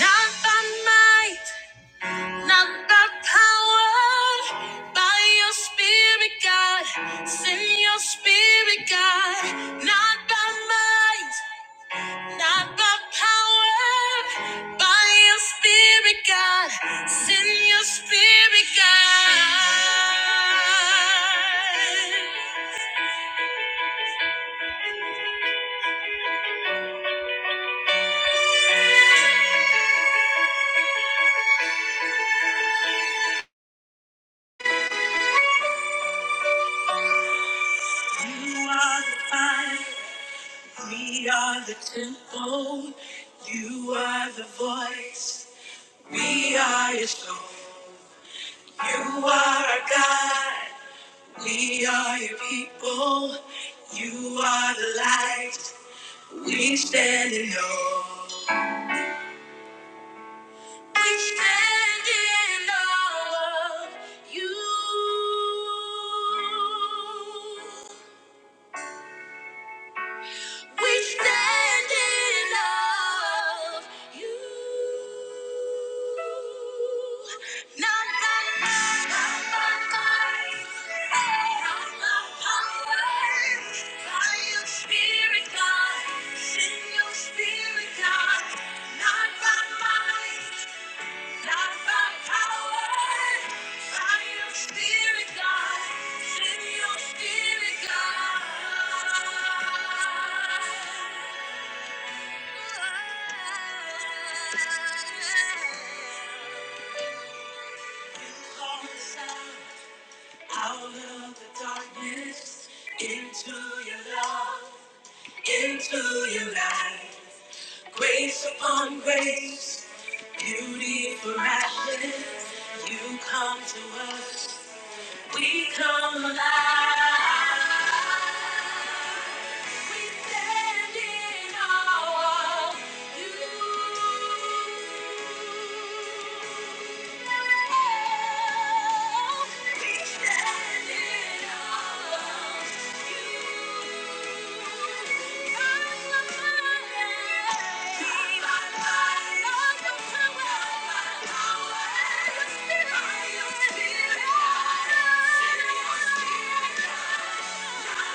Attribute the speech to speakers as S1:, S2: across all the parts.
S1: Not by might, not by power, by your spirit, God. Send your spirit, God. Not by might, not by power, by your spirit, God. Send your spirit, God. You are the fire, we are the temple. You are the voice. We are your soul. You are our God. We are your people. You are the light. We stand in awe. We stand in awe of you. We stand in love. You, not by might, not by might, not by power. By your Spirit, God, send your Spirit, God. Not by might, not by power. By your Spirit, God, send your Spirit, God. Out of the darkness, into your love, into your light. Grace upon grace, beauty for ashes. You come to us, we come alive. Thank you.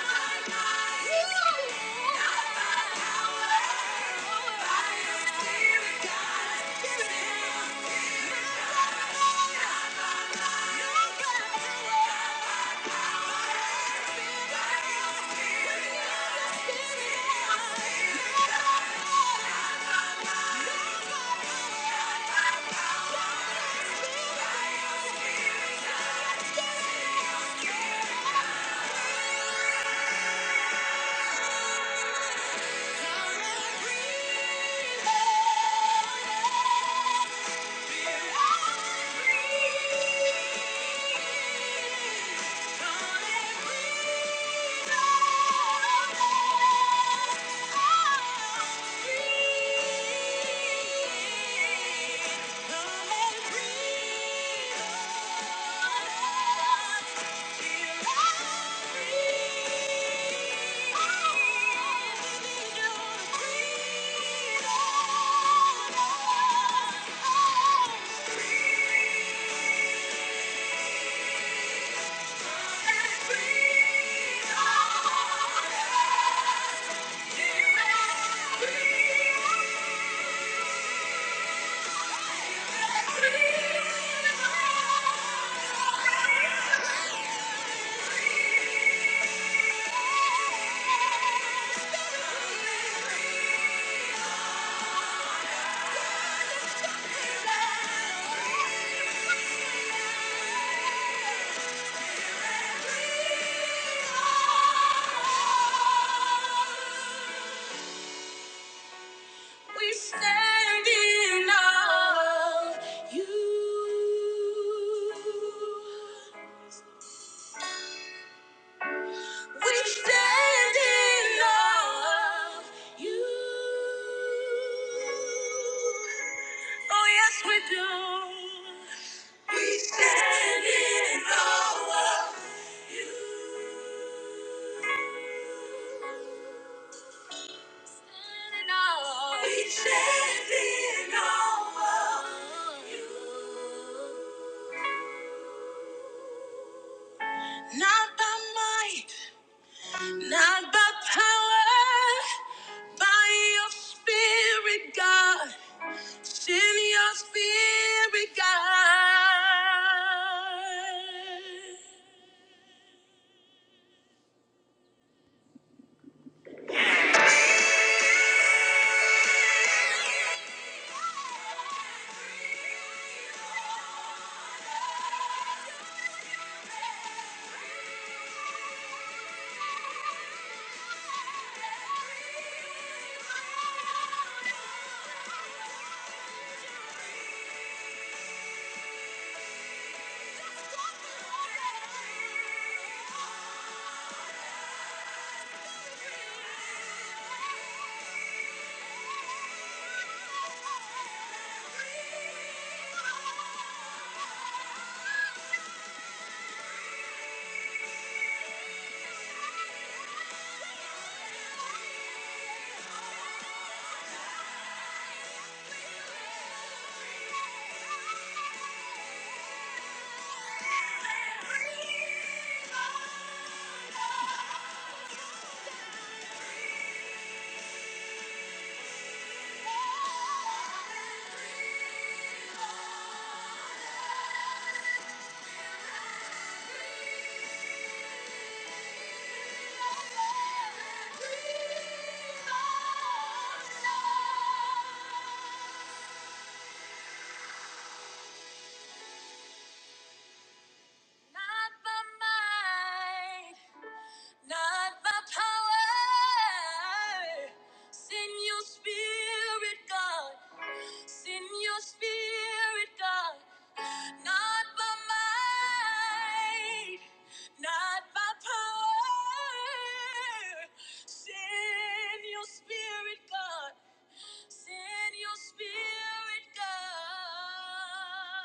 S1: Yeah. Thank you. We stand in awe of you. We stand in awe of you. Oh, yes, we do. We stand in awe. Not by might, not by power, by your spirit, God. Send your spirit, God. Not by might, not by power. Send your spirit, God. Send your spirit, God. Not by might, not by power. Send your spirit, God. Send your spirit, God.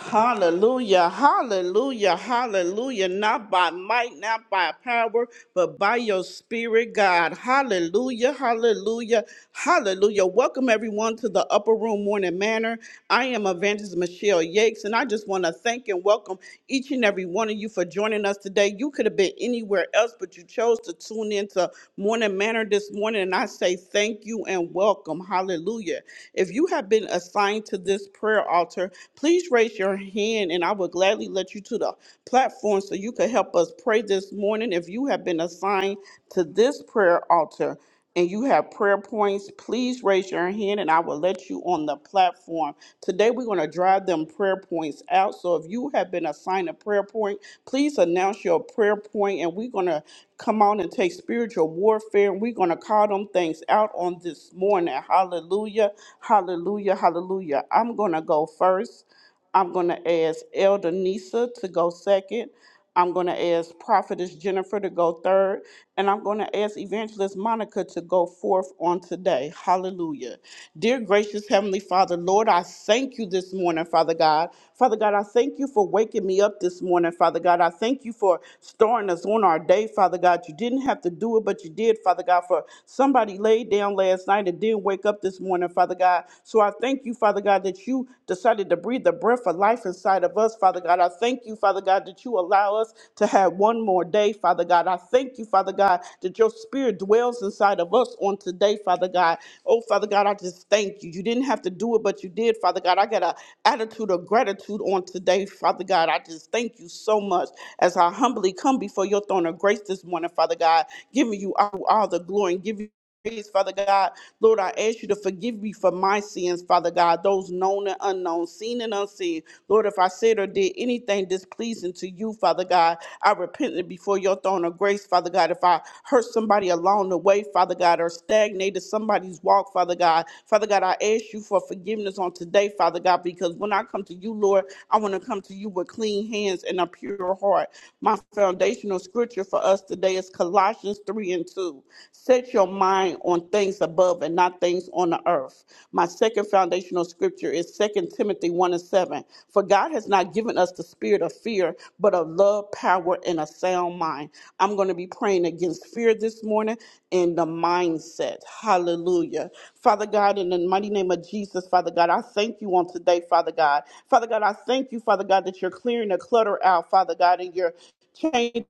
S1: Hallelujah, hallelujah, hallelujah. Not by might, not by power, but by your spirit, God. Hallelujah, hallelujah, hallelujah. Welcome everyone to the Upper Room Morning Manor. I am Evangelist Michelle Yakes, and I just want to thank and welcome each and every one of you for joining us today. You could have been anywhere else, but you chose to tune in to Morning Manor this morning, and I say thank you and welcome. Hallelujah. Hallelujah. If you have been assigned to this prayer altar, please raise your hand and I will gladly let you to the platform so you can help us pray this morning. If you have been assigned to this prayer altar and you have prayer points, please raise your hand and I will let you on the platform. Today we're going to drive them prayer points out. So if you have been assigned a prayer point, please announce your prayer point and we're going to come on and take spirit spiritual warfare. And we're going to call them things out on this morning. Hallelujah. Hallelujah. Hallelujah. I'm going to go first. I'm going to ask Elder Nisa to go second. I'm going to ask Prophetess Jennifer to go third. And I'm going to ask Evangelist Monica to go forth on today. Hallelujah. Dear gracious Heavenly Father, Lord, I thank you this morning, Father God. Father God, I thank you for waking me up this morning, Father God. I thank you for starting us on our day, Father God. You didn't have to do it, but you did, Father God, for somebody laid down last night and didn't wake up this morning, Father God. So I thank you, Father God, that you decided to breathe the breath of life inside of us, Father God. I thank you, Father God, that you allow us to have one more day, Father God. I thank you, Father God, that your spirit dwells inside of us on today, Father God. Oh, Father God, I just thank you. You didn't have to do it, but you did, Father God. I got an attitude of gratitude on today, Father God. I just thank you so much as I humbly come before your throne of grace this morning, Father God, giving you all, all the glory and giving you praise, Father God. Lord, I ask you to forgive me for my sins, Father God, those known and unknown, seen and unseen. Lord, if I said or did anything displeasing to you, Father God, I repent it before your throne of grace, Father God. If I hurt somebody along the way, Father Father God, or stagnated somebody's walk, Father God. Father God, I ask you for forgiveness on today, Father God, because when I come to you, Lord, I want to come to you with clean hands and a pure heart. My foundational scripture for us today is Colossians 3 and 2. Set your mind on things above and not things on the earth. My second foundational scripture is Second Timothy 1 and 7. For God has not given us the spirit of fear, but of love, power, and a sound mind. I'm going to be praying against fear this morning and the mindset. Hallelujah. Father God, in the mighty name of Jesus, Father God, I thank you on today, Father God. Father God, I thank you, Father God, that you're clearing the clutter out, Father God, and you're changing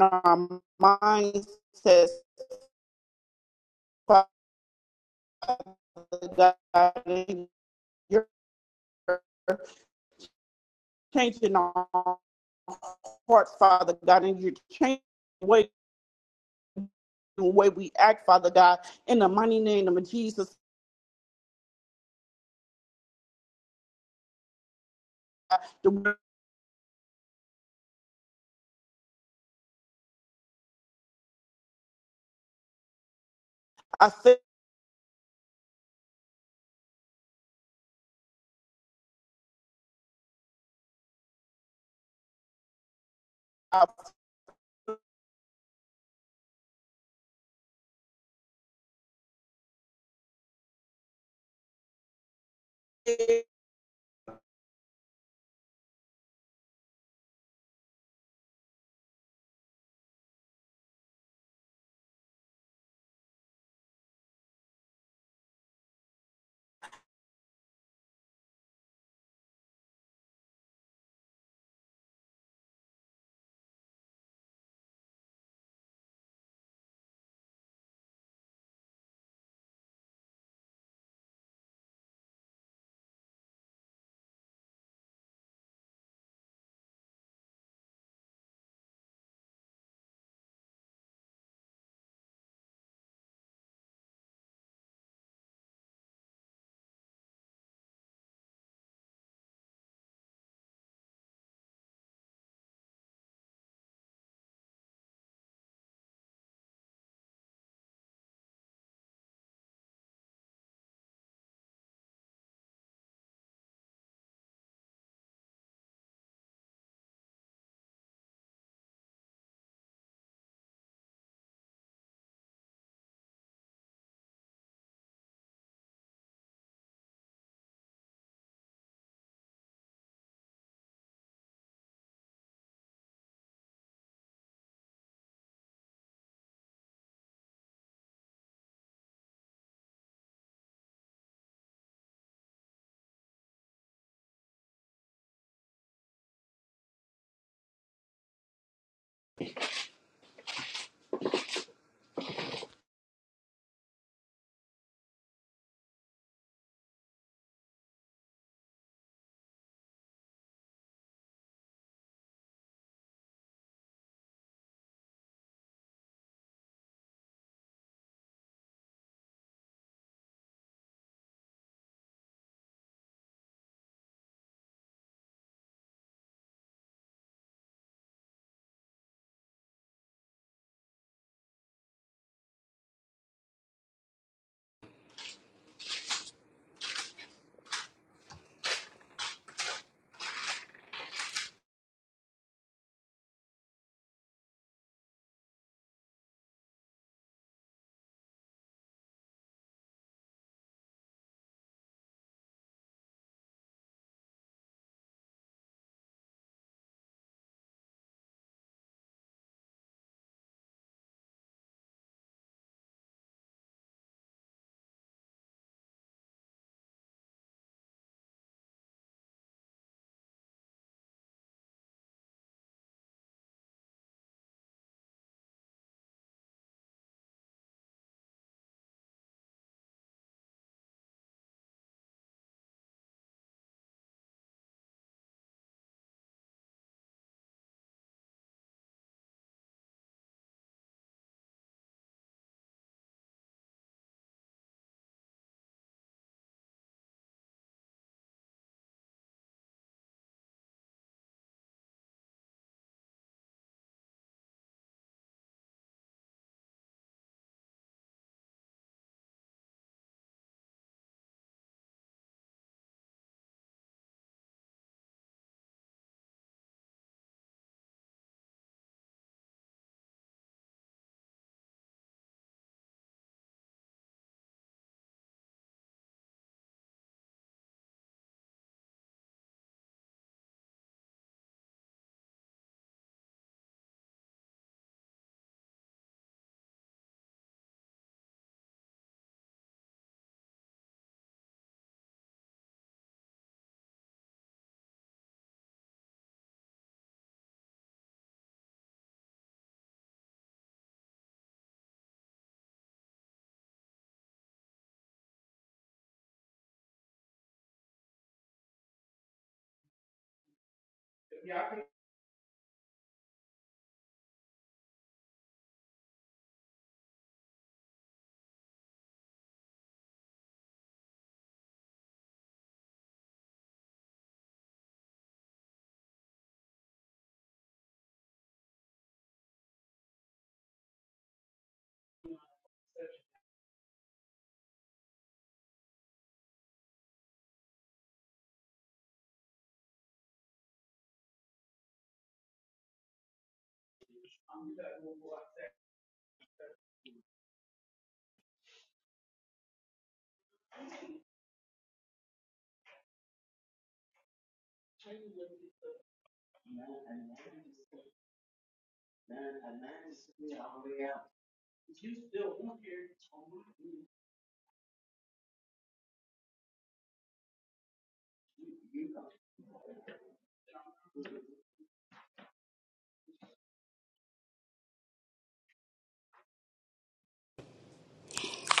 S1: our mindsets, Father God, and you're changing our hearts, Father God, and you're changing the way, the way we act, Father God, in the mighty name of Jesus. I thank I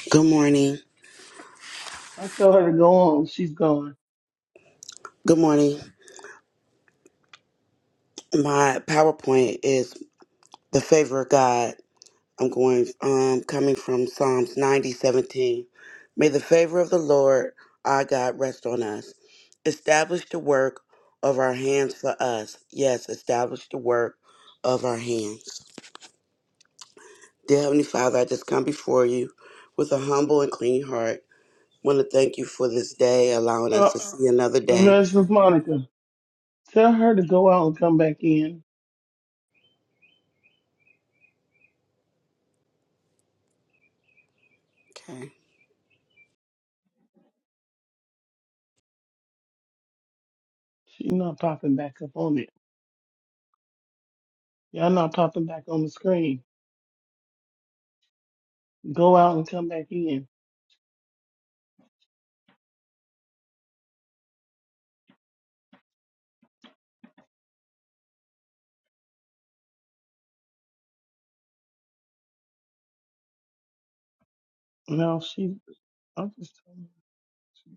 S2: Good morning.
S3: I tell her to go on. She's gone.
S2: Good morning. My PowerPoint is the favor of God. I'm going um coming from Psalms 90 17. May the favor of the Lord our God rest on us. Establish the work of our hands for us. Yes, establish the work of our hands. Dear Heavenly Father, I just come before you with a humble and clean heart. want to thank you for this day, allowing us
S3: Uh,
S2: to see another day.
S3: Mrs. Monica, tell her to go out and come back in.
S2: Okay.
S3: She's not popping back up on it. Y'all not popping back on the screen. Go out and come back in. No, she. I'm just telling you.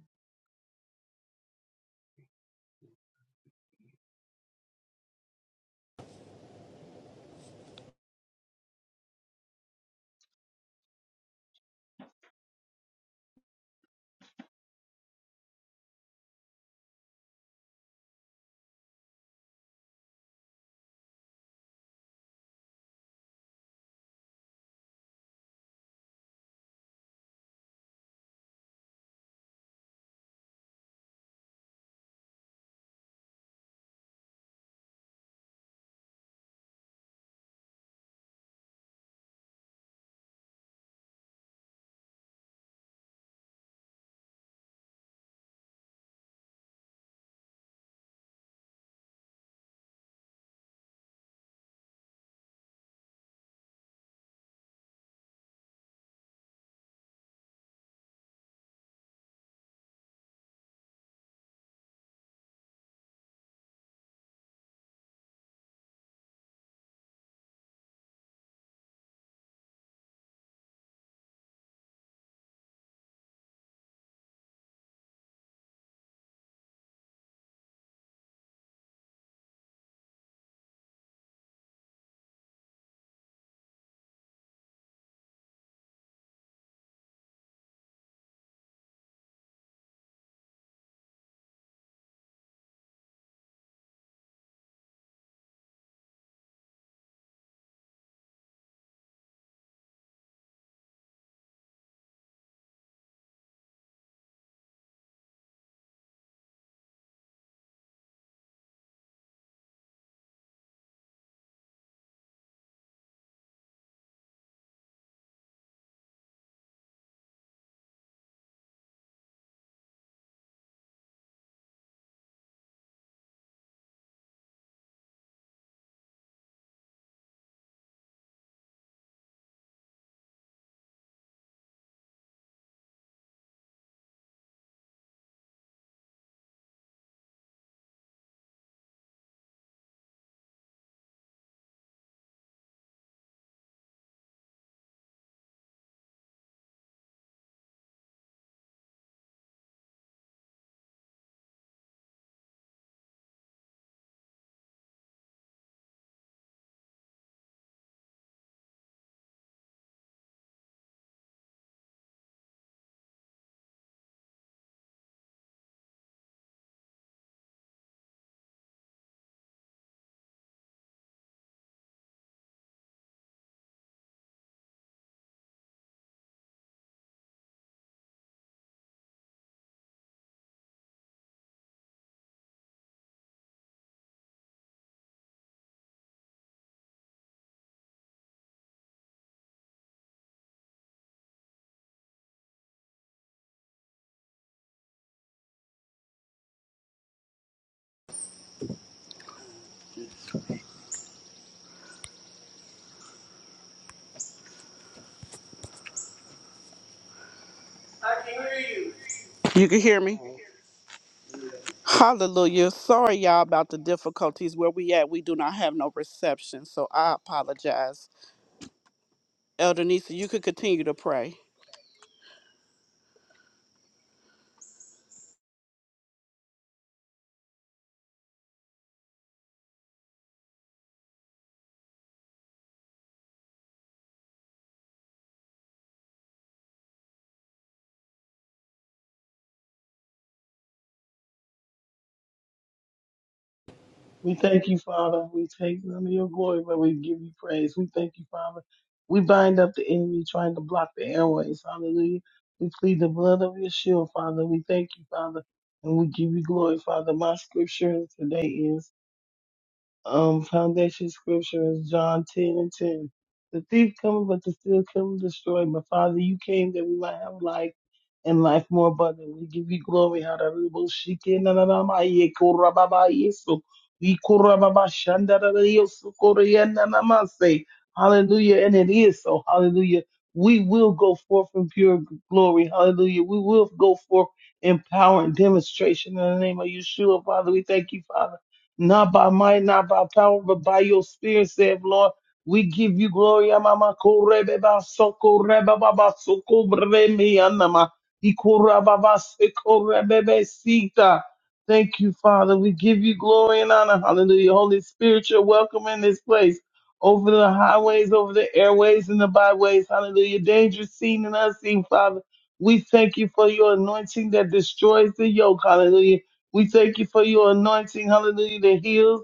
S1: thank You can hear me? Hallelujah. Sorry, y'all, about the difficulties where we at. We do not have no reception, so I apologize. Elder Nisa, you could continue to pray.
S3: We thank you, Father. We take none of your glory, but we give you praise. We thank you, Father. We bind up the enemy trying to block the airways. Hallelujah. We plead the blood of your shield, Father. We thank you, Father. And we give you glory, Father. My scripture today is um, foundation scripture is John 10 and 10. The thief coming, but to steal, kill, and destroy. But Father, you came that we might have life and life more abundantly. We give you glory. Hallelujah. Shike na na na ma ye kora ba ba yesu. We kora ba ba shanda da da yesu kora ya na na ma se. Hallelujah. And it is so. Hallelujah. We will go forth in pure glory. Hallelujah. We will go forth in power and demonstration in the name of Yeshua. Father, we thank you, Father not by might, not by power, but by your spirit, saith Lord. We give you glory, Amama Korebe Basoko Reba Baba Soko Bremi Anama Ikura Baba Seko Rebebe Sita. Thank you, Father. We give you glory and honor. Hallelujah. Holy Spirit, you're welcome in this place. Over the highways, over the airways, and the byways. Hallelujah. Dangerous seen and unseen, Father. We thank you for your anointing that destroys the yoke. Hallelujah we thank you for your anointing, hallelujah, that heals,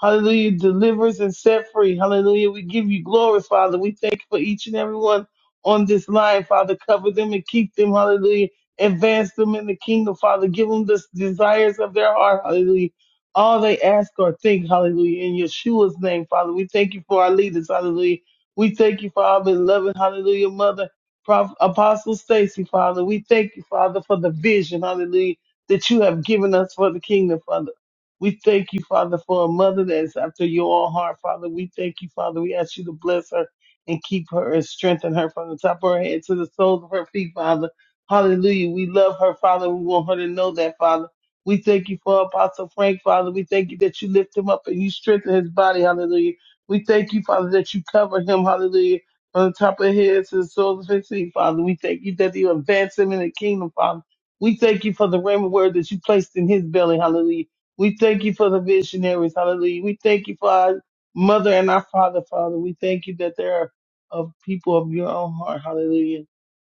S3: hallelujah, delivers and set free. Hallelujah. We give you glory, Father. We thank you for each and every one on this line, Father. Cover them and keep them, hallelujah. Advance them in the kingdom, Father. Give them the desires of their heart, hallelujah. All they ask or think, hallelujah, in Yeshua's name, Father. We thank you for our leaders, hallelujah. We thank you for our beloved, hallelujah, mother, Prof, Apostle Stacy, Father. We thank you, Father, for the vision, hallelujah that you have given us for the kingdom, Father. We thank you, Father, for a mother that is after your own heart, Father. We thank you, Father. We ask you to bless her and keep her and strengthen her from the top of her head to the soles of her feet, Father. Hallelujah. We love her, Father. We want her to know that, Father. We thank you for Apostle Frank, Father. We thank you that you lift him up and you strengthen his body. Hallelujah. We thank you, Father, that you cover him. Hallelujah. From the top of his head to the soles of his feet, Father. We thank you that you advance him in the kingdom, Father. We thank you for the rhema word that you placed in his belly. Hallelujah. We thank you for the visionaries. Hallelujah. We thank you for our mother and our father, Father. We thank you that there are of people of your own heart. Hallelujah.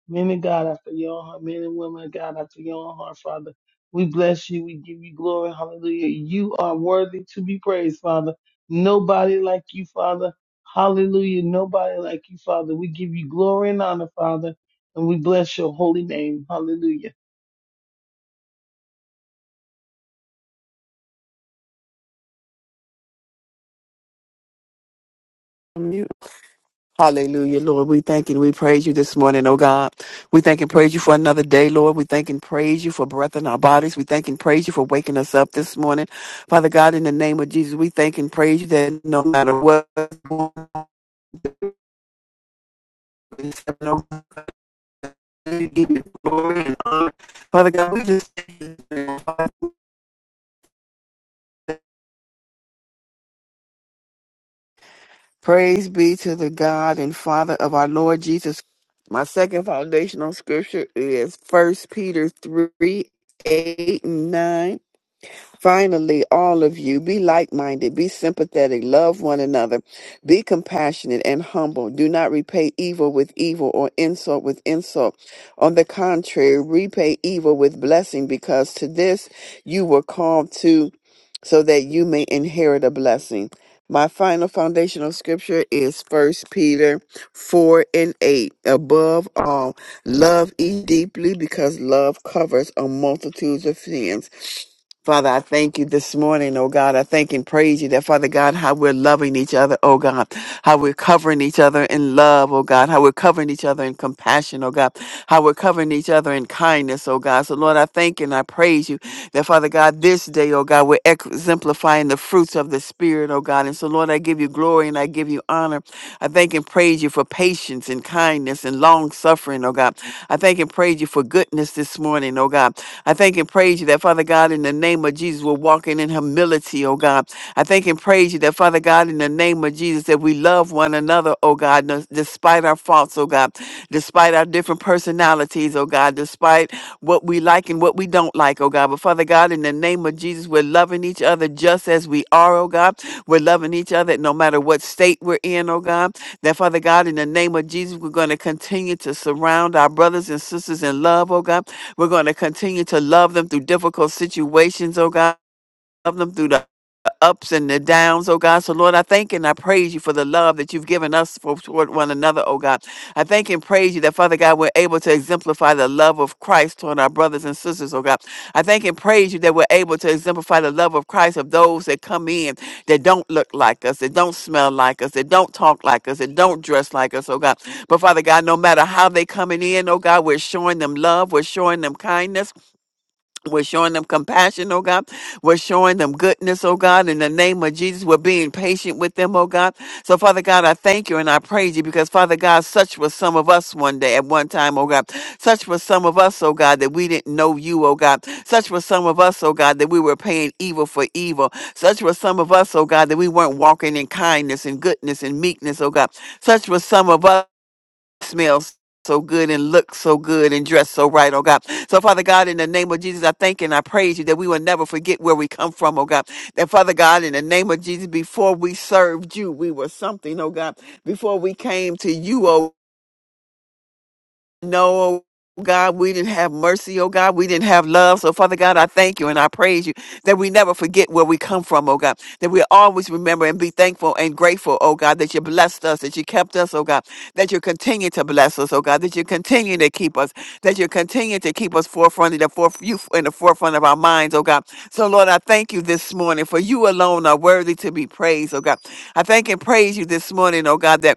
S3: Men and God after your own heart. Men and women of God after your own heart, Father. We bless you. We give you glory. Hallelujah. You are worthy to be praised, Father. Nobody like you, Father. Hallelujah. Nobody like you, Father. We give you glory and honor, Father. And we bless your holy name. Hallelujah.
S4: you. Hallelujah, Lord. We thank and we praise you this morning, oh God. We thank and praise you for another day, Lord. We thank and praise you for breath in our bodies. We thank and praise you for waking us up this morning. Father God, in the name of Jesus, we thank and praise you that no matter what, we give you glory and honor. Father God, we just praise be to the God and Father of our Lord Jesus. My second foundational scripture is First Peter 3 8 and 9. Finally, all of you, be like minded, be sympathetic, love one another, be compassionate and humble. Do not repay evil with evil or insult with insult. On the contrary, repay evil with blessing, because to this you were called to, so that you may inherit a blessing. My final foundational scripture is First Peter 4 and 8. Above all, love ye deeply because love covers a multitude of sins. Father, I thank you this morning, oh God. I thank and praise you that, Father God, how we're loving each other, oh God. How we're covering each other in love, oh God. How we're covering each other in compassion, oh God. How we're covering each other in kindness, oh God. So, Lord, I thank and I praise you that, Father God, this day, oh God, we're exemplifying the fruits of the Spirit, oh God. And so, Lord, I give you glory and I give you honor. I thank and praise you for patience and kindness and long suffering, oh God. I thank and praise you for goodness this morning, oh God. I thank thank and praise you that, Father God, in the name of Jesus, we're walking in humility, oh God. I thank and praise you that, Father God, in the name of Jesus, that we love one another, oh God, nos- despite our faults, oh God, despite our different personalities, oh God, despite what we like and what we don't like, oh God. But Father God, in the name of Jesus, we're loving each other just as we are, oh God. We're loving each other no matter what state we're in, oh God. That, Father God, in the name of Jesus, we're going to continue to surround our brothers and sisters in love, oh God. We're going to continue to love them through difficult situations, oh God. Love them through the ups and the downs, oh God. So, Lord, I thank and I praise you for the love that you've given us for toward one another, oh God. I thank and praise you that, Father God, we're able to exemplify the love of Christ toward our brothers and sisters, oh God. I thank and praise you that we're able to exemplify the love of Christ of those that come in that don't look like us, that don't smell like us, that don't talk like us, that don't dress like us, oh God. But, Father God, no matter how they coming in, oh God, we're showing them love, we're showing them kindness, we're showing them compassion, oh God. We're showing them goodness, oh God. In the name of Jesus, we're being patient with them, oh God. So, Father God, I thank you and I praise you because, Father God, such was some of us one day at one time, oh God. Such was some of us, oh God, that we didn't know you, oh God. Such was some of us, oh God, that we were paying evil for evil. Such was some of us, oh God, that we weren't walking in kindness and goodness and meekness, oh God. Such was some of us smells so good and look so good and dress so right, oh God. So, Father God, in the name of Jesus, I thank and I praise you that we will never forget where we come from, oh God. That, Father God, in the name of Jesus, before we served you, we were something, oh God. Before we came to you, oh no, oh God, we didn't have mercy, oh God. We didn't have love. So, Father God, I thank you and I praise you that we never forget where we come from, oh God. That we always remember and be thankful and grateful, oh God, that you blessed us, that you kept us, oh God, that you continue to bless us, oh God, that you continue to keep us, that you continue to keep us forefront in the, foref- you in the forefront of our minds, oh God. So, Lord, I thank you this morning for you alone are worthy to be praised, oh God. I thank and praise you this morning, oh God, that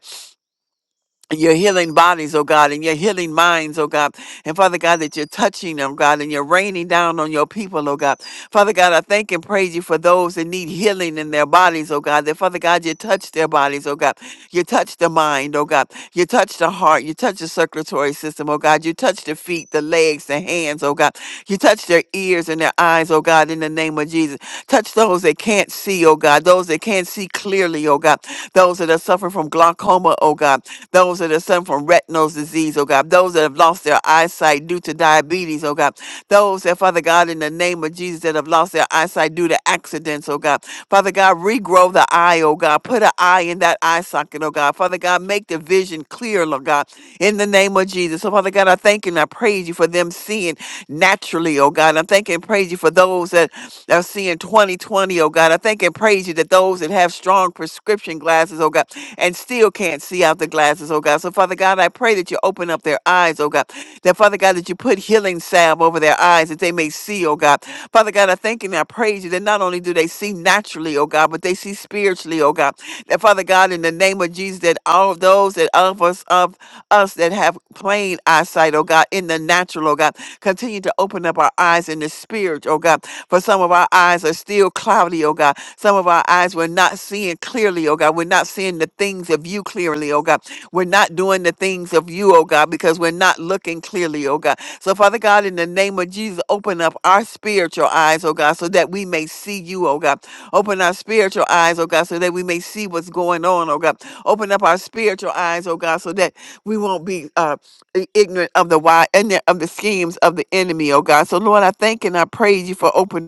S4: your healing bodies, oh God, and your healing minds, oh God. And Father God, that you're touching them, God, and you're raining down on your people, oh God. Father God, I thank and praise you for those that need healing in their bodies, oh God. That Father God, you touch their bodies, oh God. You touch the mind, oh God. You touch the heart. You touch the circulatory system, oh God. You touch the feet, the legs, the hands, oh God. You touch their ears and their eyes, oh God, in the name of Jesus. Touch those that can't see, see, oh God, those that can't see clearly, oh God, those that are suffering from glaucoma, oh God, those that are suffering from retinal disease, oh God, those that have lost their eyesight due to diabetes, oh God, those that, Father God, in the name of Jesus, that have lost their eyesight due to accidents, oh God, Father God, regrow the eye, oh God, put an eye in that eye socket, oh God, Father God, make the vision clear, Lord God, in the name of Jesus. So, Father God, I thank you and I praise you for them seeing naturally, oh God. I thank and praise you for those that are seeing 2020, oh God. I thank and praise you that those that have strong prescription glasses, oh God, and still can't see out the glasses, oh God. So, Father God, I pray that you open up their eyes, oh God. That, Father God, that you put healing salve over their eyes that they may see, oh God. Father God, I thank and I praise you that not only do they see naturally, oh God, but they see spiritually, oh God. That, Father God, in the name of Jesus, that all of those that those that of us of us that have plain eyesight, oh God, in the natural, oh God. Continue to open up our eyes in the spirit, oh God. For some of our eyes are still cloudy, oh God. Some of our eyes we're not seeing clearly, oh God. We're not seeing the things of you clearly, oh God. We're not doing the things of you, oh God, because we're not looking clearly, oh God. So, Father God, in the name of Jesus, open up our spiritual eyes, oh God, so that we may see you, oh God. Open our spiritual eyes, oh God, so that we may see what's going on, oh God. Open up our spiritual eyes, oh God, so that we won't be uh, i- ignorant of the why and of the schemes of the enemy, oh God. So Lord, I thank and I praise you for opening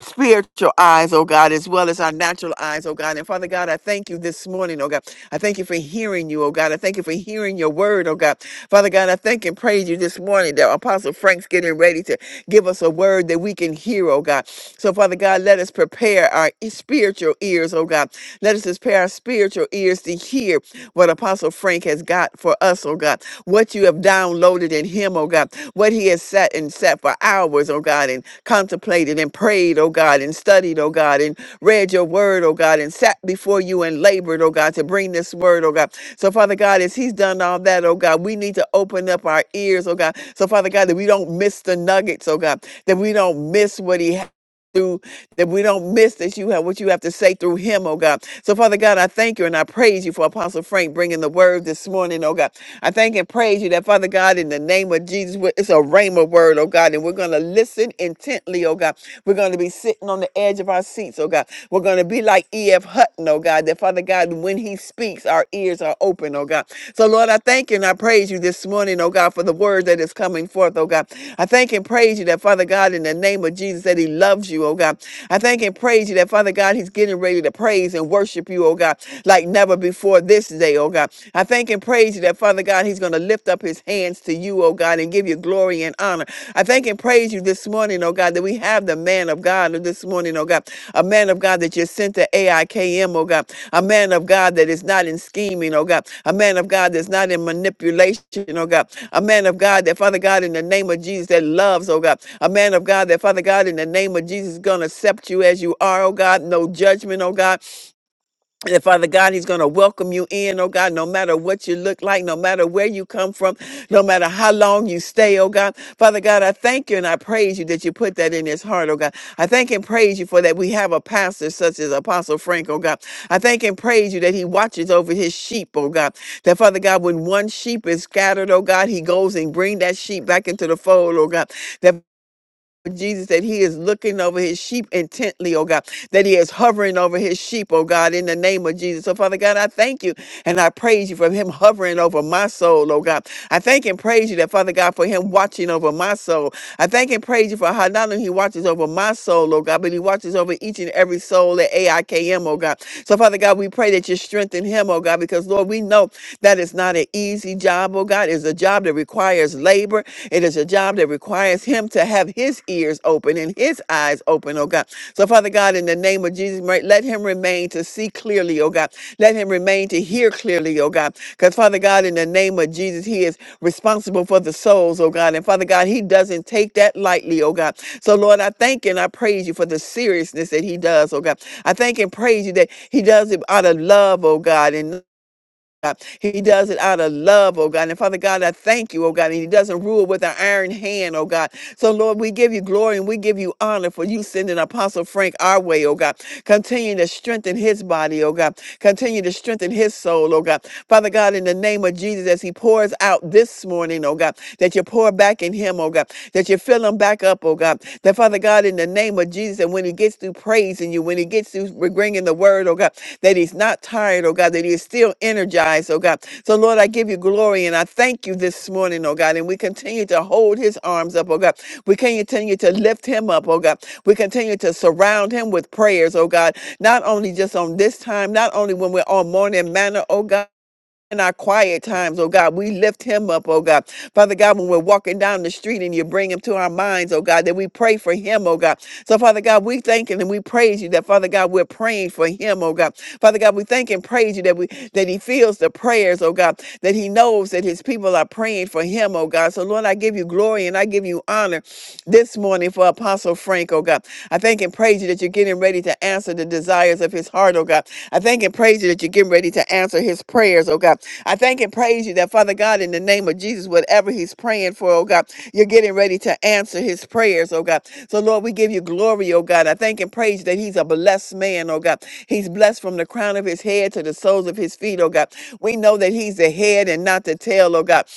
S4: spiritual eyes, oh God, as well as our natural eyes, oh God. And Father God, I thank you this morning, oh God. I thank you for hearing you, oh God. I thank you for hearing your word, oh God. Father God, I thank and praise you this morning that Apostle Frank's getting ready to give us a word that we can hear, oh God. So Father God, let us prepare our e- spiritual ears, oh God. Let us prepare our spiritual ears to hear what Apostle Frank has got for us, oh God, what you have downloaded in him, oh God, what he has sat and sat for hours, oh God, and contemplated and prayed, oh God, and studied, oh God, and read your word, oh God, and sat before you and labored, oh God, to bring this word, oh God. So, Father God, as he's done all that, oh God, we need to open up our ears, oh God. So, Father God, that we don't miss the nuggets, oh God, that we don't miss what he has that we don't miss that you have what you have to say through him, oh God. So, Father God, I thank you and I praise you for Apostle Frank bringing the word this morning, oh God. I thank and praise you that, Father God, in the name of Jesus, we- it's a rhema word, oh God, and we're going to listen intently, oh God. We're going to be sitting on the edge of our seats, oh God. We're going to be like E.F. Hutton, oh God, that, Father God, when he speaks, our ears are open, oh God. So, Lord, I thank you and I praise you this morning, oh God, for the word that is coming forth, oh God. I thank and praise you that, Father God, in the name of Jesus, that he loves you, oh God. I thank and praise you that, Father God, he's getting ready to praise and worship you, oh God, like never before for this day, oh God. I thank and praise you that, Father God, he's going to lift up his hands to you, oh God, and give you glory and honor. I thank and praise you this morning, oh God, that we have the man of God this morning, oh God, a man of God that you sent to AIKM, oh God, a man of God that is not in scheming, oh God, a man of God that's not in manipulation, oh God, a man of God that, Father God, in the name of Jesus, that loves, oh God, a man of God that, Father God, in the name of Jesus, is going to accept you as you are, oh God, no judgment, oh God, that Father God, He's going to welcome you in, oh God, no matter what you look like, no matter where you come from, no matter how long you stay, oh God. Father God, I thank you and I praise you that you put that in His heart, oh God. I thank and praise you for that we have a pastor such as Apostle Frank, oh God. I thank and praise you that He watches over His sheep, oh God. That Father God, when one sheep is scattered, oh God, He goes and bring that sheep back into the fold, oh God. Jesus, that he is looking over his sheep intently, oh God, that he is hovering over his sheep, oh God, in the name of Jesus. So, Father God, I thank you and I praise you for him hovering over my soul, oh God. I thank and praise you that, Father God, for him watching over my soul. I thank and praise you for how not only he watches over my soul, oh God, but he watches over each and every soul at AIKM, oh God. So, Father God, we pray that you strengthen him, oh God, because, Lord, we know that is not an easy job, oh God. It's a job that requires labor. It is a job that requires him to have his ears open and his eyes open, oh God. So, Father God, in the name of Jesus, right, let him remain to see clearly, oh God. Let him remain to hear clearly, oh God. Because, Father God, in the name of Jesus, he is responsible for the souls, oh God. And, Father God, he doesn't take that lightly, oh God. So, Lord, I thank and I praise you for the seriousness that he does, oh God. I thank and praise you that he does it out of love, oh God. And God. He does it out of love, oh God. And Father God, I thank you, oh God. And He doesn't rule with an iron hand, oh God. So, Lord, we give you glory and we give you honor for you sending Apostle Frank our way, oh God. Continue to strengthen his body, oh God. Continue to strengthen his soul, oh God. Father Father God, in the name of Jesus, as he pours out this morning, oh God, that you pour back in him, oh God, that you fill him back up, oh God, that Father God, in the name of Jesus, and when he gets through praising you, when he gets through bringing the word, oh God, that he's not tired, oh God, that he is still energized, oh God. So, Lord, I give you glory and I thank you this morning, oh God, and we continue to hold his arms up, oh God. We continue to lift him up, oh God. We continue to surround him with prayers, oh God, not only just on this time, not only when we're on morning manner, oh God in our quiet times, oh God. We lift him up, oh God. Father God, when we're walking down the street and you bring him to our minds, oh God, that we pray for him, oh God. So, Father God, we thank and we praise you that, Father God, we're praying for him, oh God. Father God, we thank and praise you that we that he feels the prayers, oh God, that he knows that his people are praying for him, oh God. So, Lord, I give you glory and I give you honor this morning for Apostle Frank, oh God. I thank and praise you that you're getting ready to answer the desires of his heart, oh God. I thank and praise and praise you that you're getting ready to answer his prayers, oh God. I thank and praise you that, Father God, in the name of Jesus, whatever he's praying for, oh God, you're getting ready to answer his prayers, oh God. So, Lord, we give you glory, oh God. I thank and praise you that he's a blessed man, oh God. He's blessed from the crown of his head to the soles of his feet, oh God. We know that he's the head and not the tail, oh God.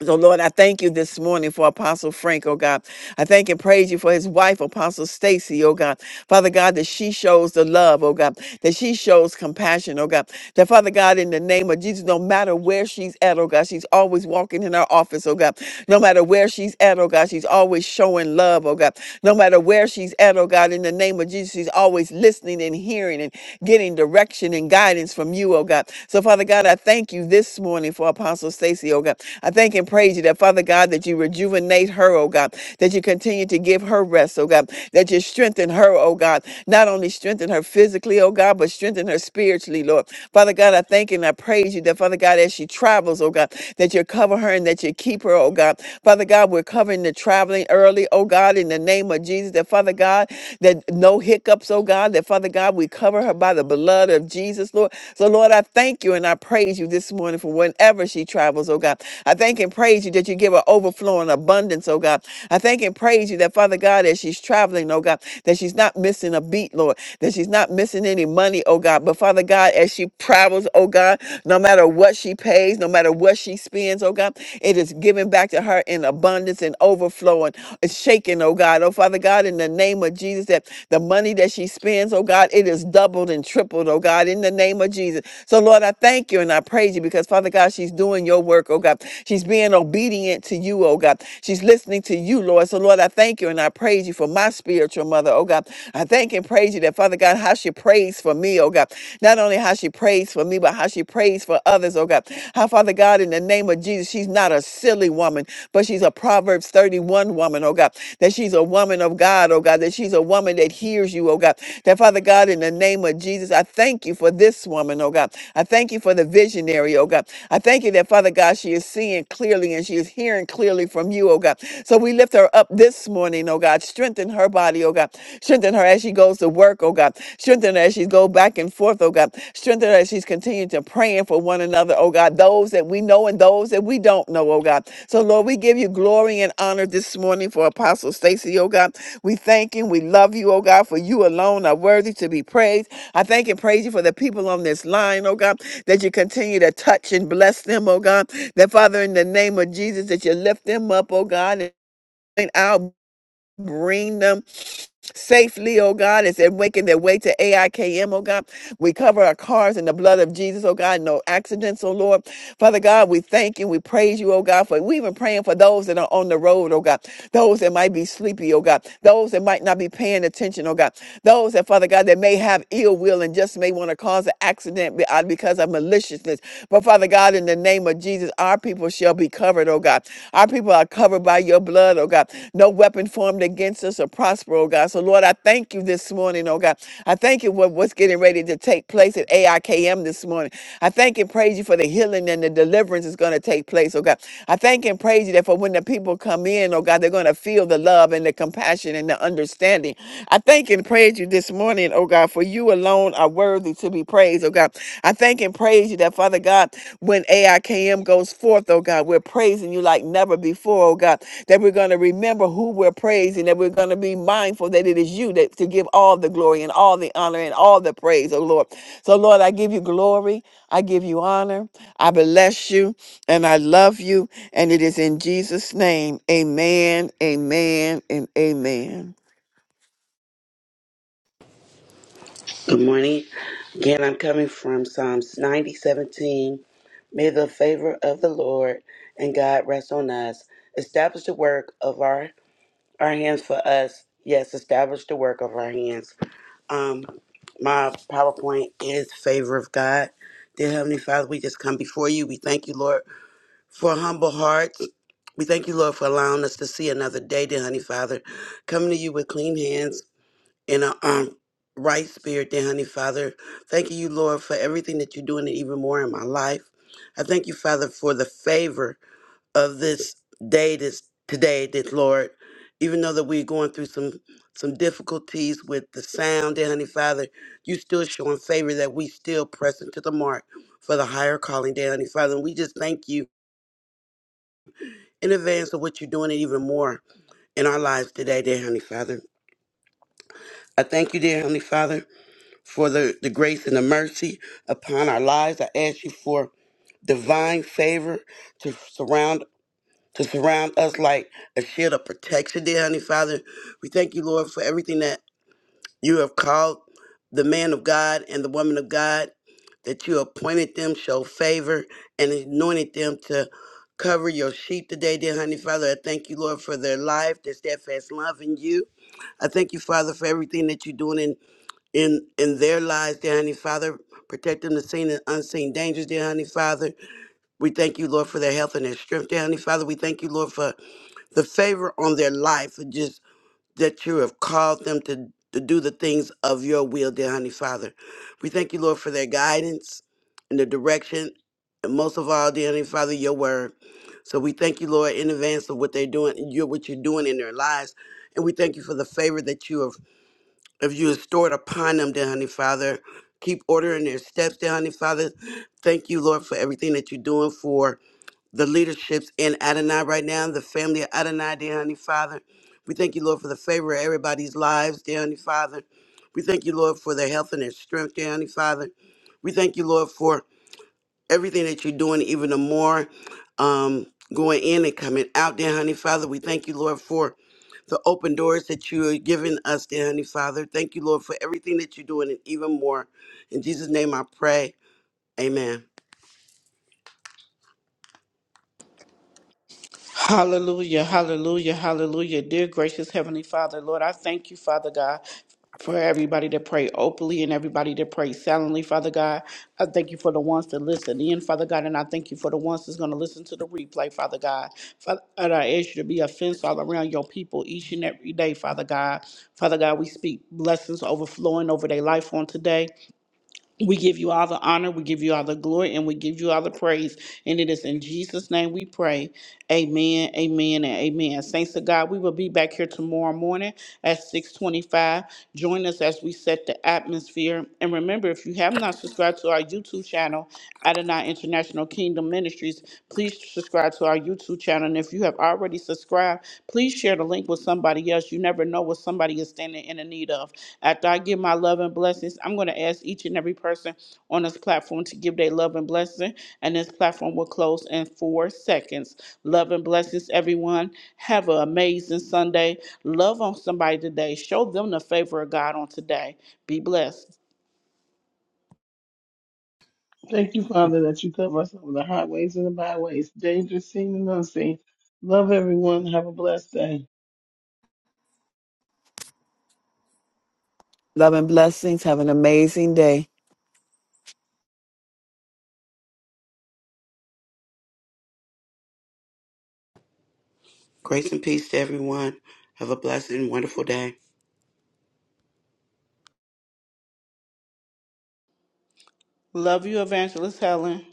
S4: So, Lord, I thank you this morning for Apostle Frank, oh God. I thank and praise you for his wife, Apostle Stacy, oh God. Father God, that she shows the love, oh God, that she shows compassion, oh God. That, Father God, in the name of Jesus, no matter where she's at, oh God, she's always walking in her office, oh God. No matter where she's at, oh God, she's always showing love, oh God. No matter where she's at, oh God, in the name of Jesus, she's always listening and hearing and getting direction and guidance from you, oh God. So, Father God, I thank you this morning morning for Apostle Stacy, oh God. I thank and praise you that, Father God, that you rejuvenate her, oh God, that you continue to give her rest, oh God, that you strengthen her, oh God, not only strengthen her physically, oh God, but strengthen her spiritually, Lord. Father God, I thank and I praise you that, Father God, as she travels, oh God, that you cover her and that you keep her, oh God. Father God, we're covering the traveling early, oh God, in the name of Jesus, that, Father God, that no hiccups, oh God, that, Father God, we cover her by the blood of Jesus, Lord. So, Lord, I I thank you and I praise you this morning for whenever she travels, oh God. I thank and praise you that you give her overflowing abundance, oh God. I thank and praise you that, Father God, as she's traveling, oh God, that she's not missing a beat, Lord, that she's not missing any money, oh God. But Father God, as she travels, oh God, no matter what she pays, no matter what she spends, oh God, it is given back to her in abundance and overflowing, It's shaking, oh God. Oh Father God, in the name of Jesus, that the money that she spends, oh God, it is doubled doubled and tripled, oh God, in the name of Jesus. So, Lord, I thank you and I praise you because, Father God, she's doing your work, oh God. She's being obedient to you, oh God. She's listening to you, Lord. So, Lord, I thank you and I praise you for my spiritual mother, oh God. I thank and praise you that, Father God, how she prays for me, oh God. Not only how she prays for me, but how she prays for others, oh God. How, Father God, in the name of Jesus, she's not a silly woman, but she's a Proverbs 31 woman, oh God. That she's a woman of God, oh God. That she's a woman that hears you serves you, oh God. That Father God, in the name of Jesus, I thank you for this woman, oh God. I thank you for the visionary, oh God. I thank you that Father God, she is seeing clearly and she is hearing clearly from you, oh God. So we lift her up this morning, oh God. Strengthen her body, oh God. Strengthen her as she goes to work, oh God. Strengthen her as she goes back and forth, oh God. Strengthen her as she's continuing to praying for one another, oh God. Those that we know and those that we don't know, oh God. So Lord, we give you glory and honor this morning for Apostle Stacy, oh God. We thank you. We love you, oh God, for you alone are worthy to be praised. I thank and praise you for the people on this line, oh God, that you continue to touch and bless them, oh God. That Father, in the name of Jesus, that you lift them up, oh God. and Out Bring them safely, oh God, as they're making their way to AIKM, oh God. We cover our cars in the blood of Jesus, oh God. No accidents, oh Lord. Father God, we thank you. We praise you, oh God, for we even praying for those that are on the road, oh God. Those that might be sleepy, oh God. Those that might not be paying attention, oh God. Those that, Father God, that may have ill will and just may want to cause an accident be- uh, because of maliciousness. But Father God, in the name of Jesus, our people shall be covered, oh God. Our people are covered by your blood, oh God. No weapon formed against us or prosper, oh God. So, Lord, I thank you this morning, oh God. I thank you for what's getting ready to take place at AIKM this morning. I thank and praise you for the healing and the deliverance is going to take place, oh God. I thank and praise you that for when the people come in, oh God, they're going to feel the love and the compassion and the understanding. I thank and praise you this morning, oh God, for you alone are worthy to be praised, oh God. I thank and praise you that, Father God, when AIKM goes forth, oh God, we're praising you like never before, oh God, that we're going to remember who we're praising, that we're going to be mindful that it is you that to give all the glory and all the honor and all the praise, oh Lord. So, Lord, I give you glory, I give you honor, I bless you, and I love you. And it is in Jesus' name, amen, amen, and amen.
S2: Good morning. Again, I'm coming from Psalms 90 17. May the favor of the Lord and God rest on us. Establish the work of our, our hands for us. Yes, establish the work of our hands. Um, my PowerPoint is favor of God. Dear Heavenly Father, we just come before you. We thank you, Lord, for humble hearts. We thank you, Lord, for allowing us to see another day, dear Honey Father. Coming to you with clean hands in a um right spirit dear honey father thank you lord for everything that you're doing and even more in my life i thank you father for the favor of this day this today this lord even though that we're going through some some difficulties with the sound dear honey father you still showing favor that we still pressing to the mark for the higher calling dear honey father and we just thank you in advance of what you're doing and even more in our lives today dear honey father i thank you dear honey father for the, the grace and the mercy upon our lives. I ask you for divine favor to surround to surround us like a shield of protection, dear honey Father. We thank you, Lord, for everything that you have called the man of God and the woman of God, that you appointed them, show favor, and anointed them to cover your sheep today, dear honey Father. I thank you, Lord, for their life, their steadfast love in you. I thank you, Father, for everything that you're doing in in their lives, dear Heavenly Father. Protect them the seen and unseen dangers, dear Heavenly Father. We thank you, Lord, for their health and their strength, dear Heavenly Father. We thank you, Lord, for the favor on their life, and just that you have called them to, to do the things of your will, dear Heavenly Father. We thank you, Lord, for their guidance and the direction, and most of all, dear Heavenly Father, your word. So we thank you, Lord, in advance of what they're doing, you what you're doing in their lives. And we thank you for the favor that you have if you restored upon them, dear Honey Father, keep ordering their steps, dear Honey Father. Thank you, Lord, for everything that you're doing for the leaderships in Adonai right now, the family of Adonai, dear Honey Father. We thank you, Lord, for the favor of everybody's lives, dear Honey Father. We thank you, Lord, for their health and their strength, dear Honey Father. We thank you, Lord, for everything that you're doing, even the more um, going in and coming out, dear honey Father. We thank you, Lord, for the open doors that you are giving us, dear honey Father. Thank you, Lord, for everything that you're doing and even more. In Jesus' name I pray. Amen.
S1: Hallelujah, hallelujah, hallelujah. Dear gracious Heavenly Father, Lord, I thank you, Father God, for everybody that pray openly and everybody that pray silently, Father God. I thank you for the ones that listen in, Father God, and I thank you for the ones that's going to listen to the replay, Father God. Father, and I ask you to be a fence all around your people each and every day, Father God. Father God, we speak blessings overflowing over their life on today. We give you all the honor, we give you all the glory, and we give you all the praise. And it is in Jesus' name we pray. Amen, amen, and amen. Saints of God, we will be back here tomorrow morning at 625. Join us as we set the atmosphere. And remember, if you have not subscribed to our YouTube channel, Adonai International Kingdom Ministries, please subscribe to our YouTube channel. And if you have already subscribed, please share the link with somebody else. You never know what somebody is standing in the need of. After I give my love and blessings, I'm going to ask each and every person on this platform to give their love and blessing, and this platform will close in four seconds. Love and blessings, everyone. Have an amazing Sunday. Love on somebody today. Show them the favor of God on today. Be blessed.
S3: Thank you, Father, that you cover us over the highways and the byways, dangerous seen and unseen. Love everyone. Have a blessed day.
S4: Love and blessings. Have an amazing day.
S2: Grace and peace to everyone. Have a blessed and wonderful day.
S1: Love you, Evangelist Helen.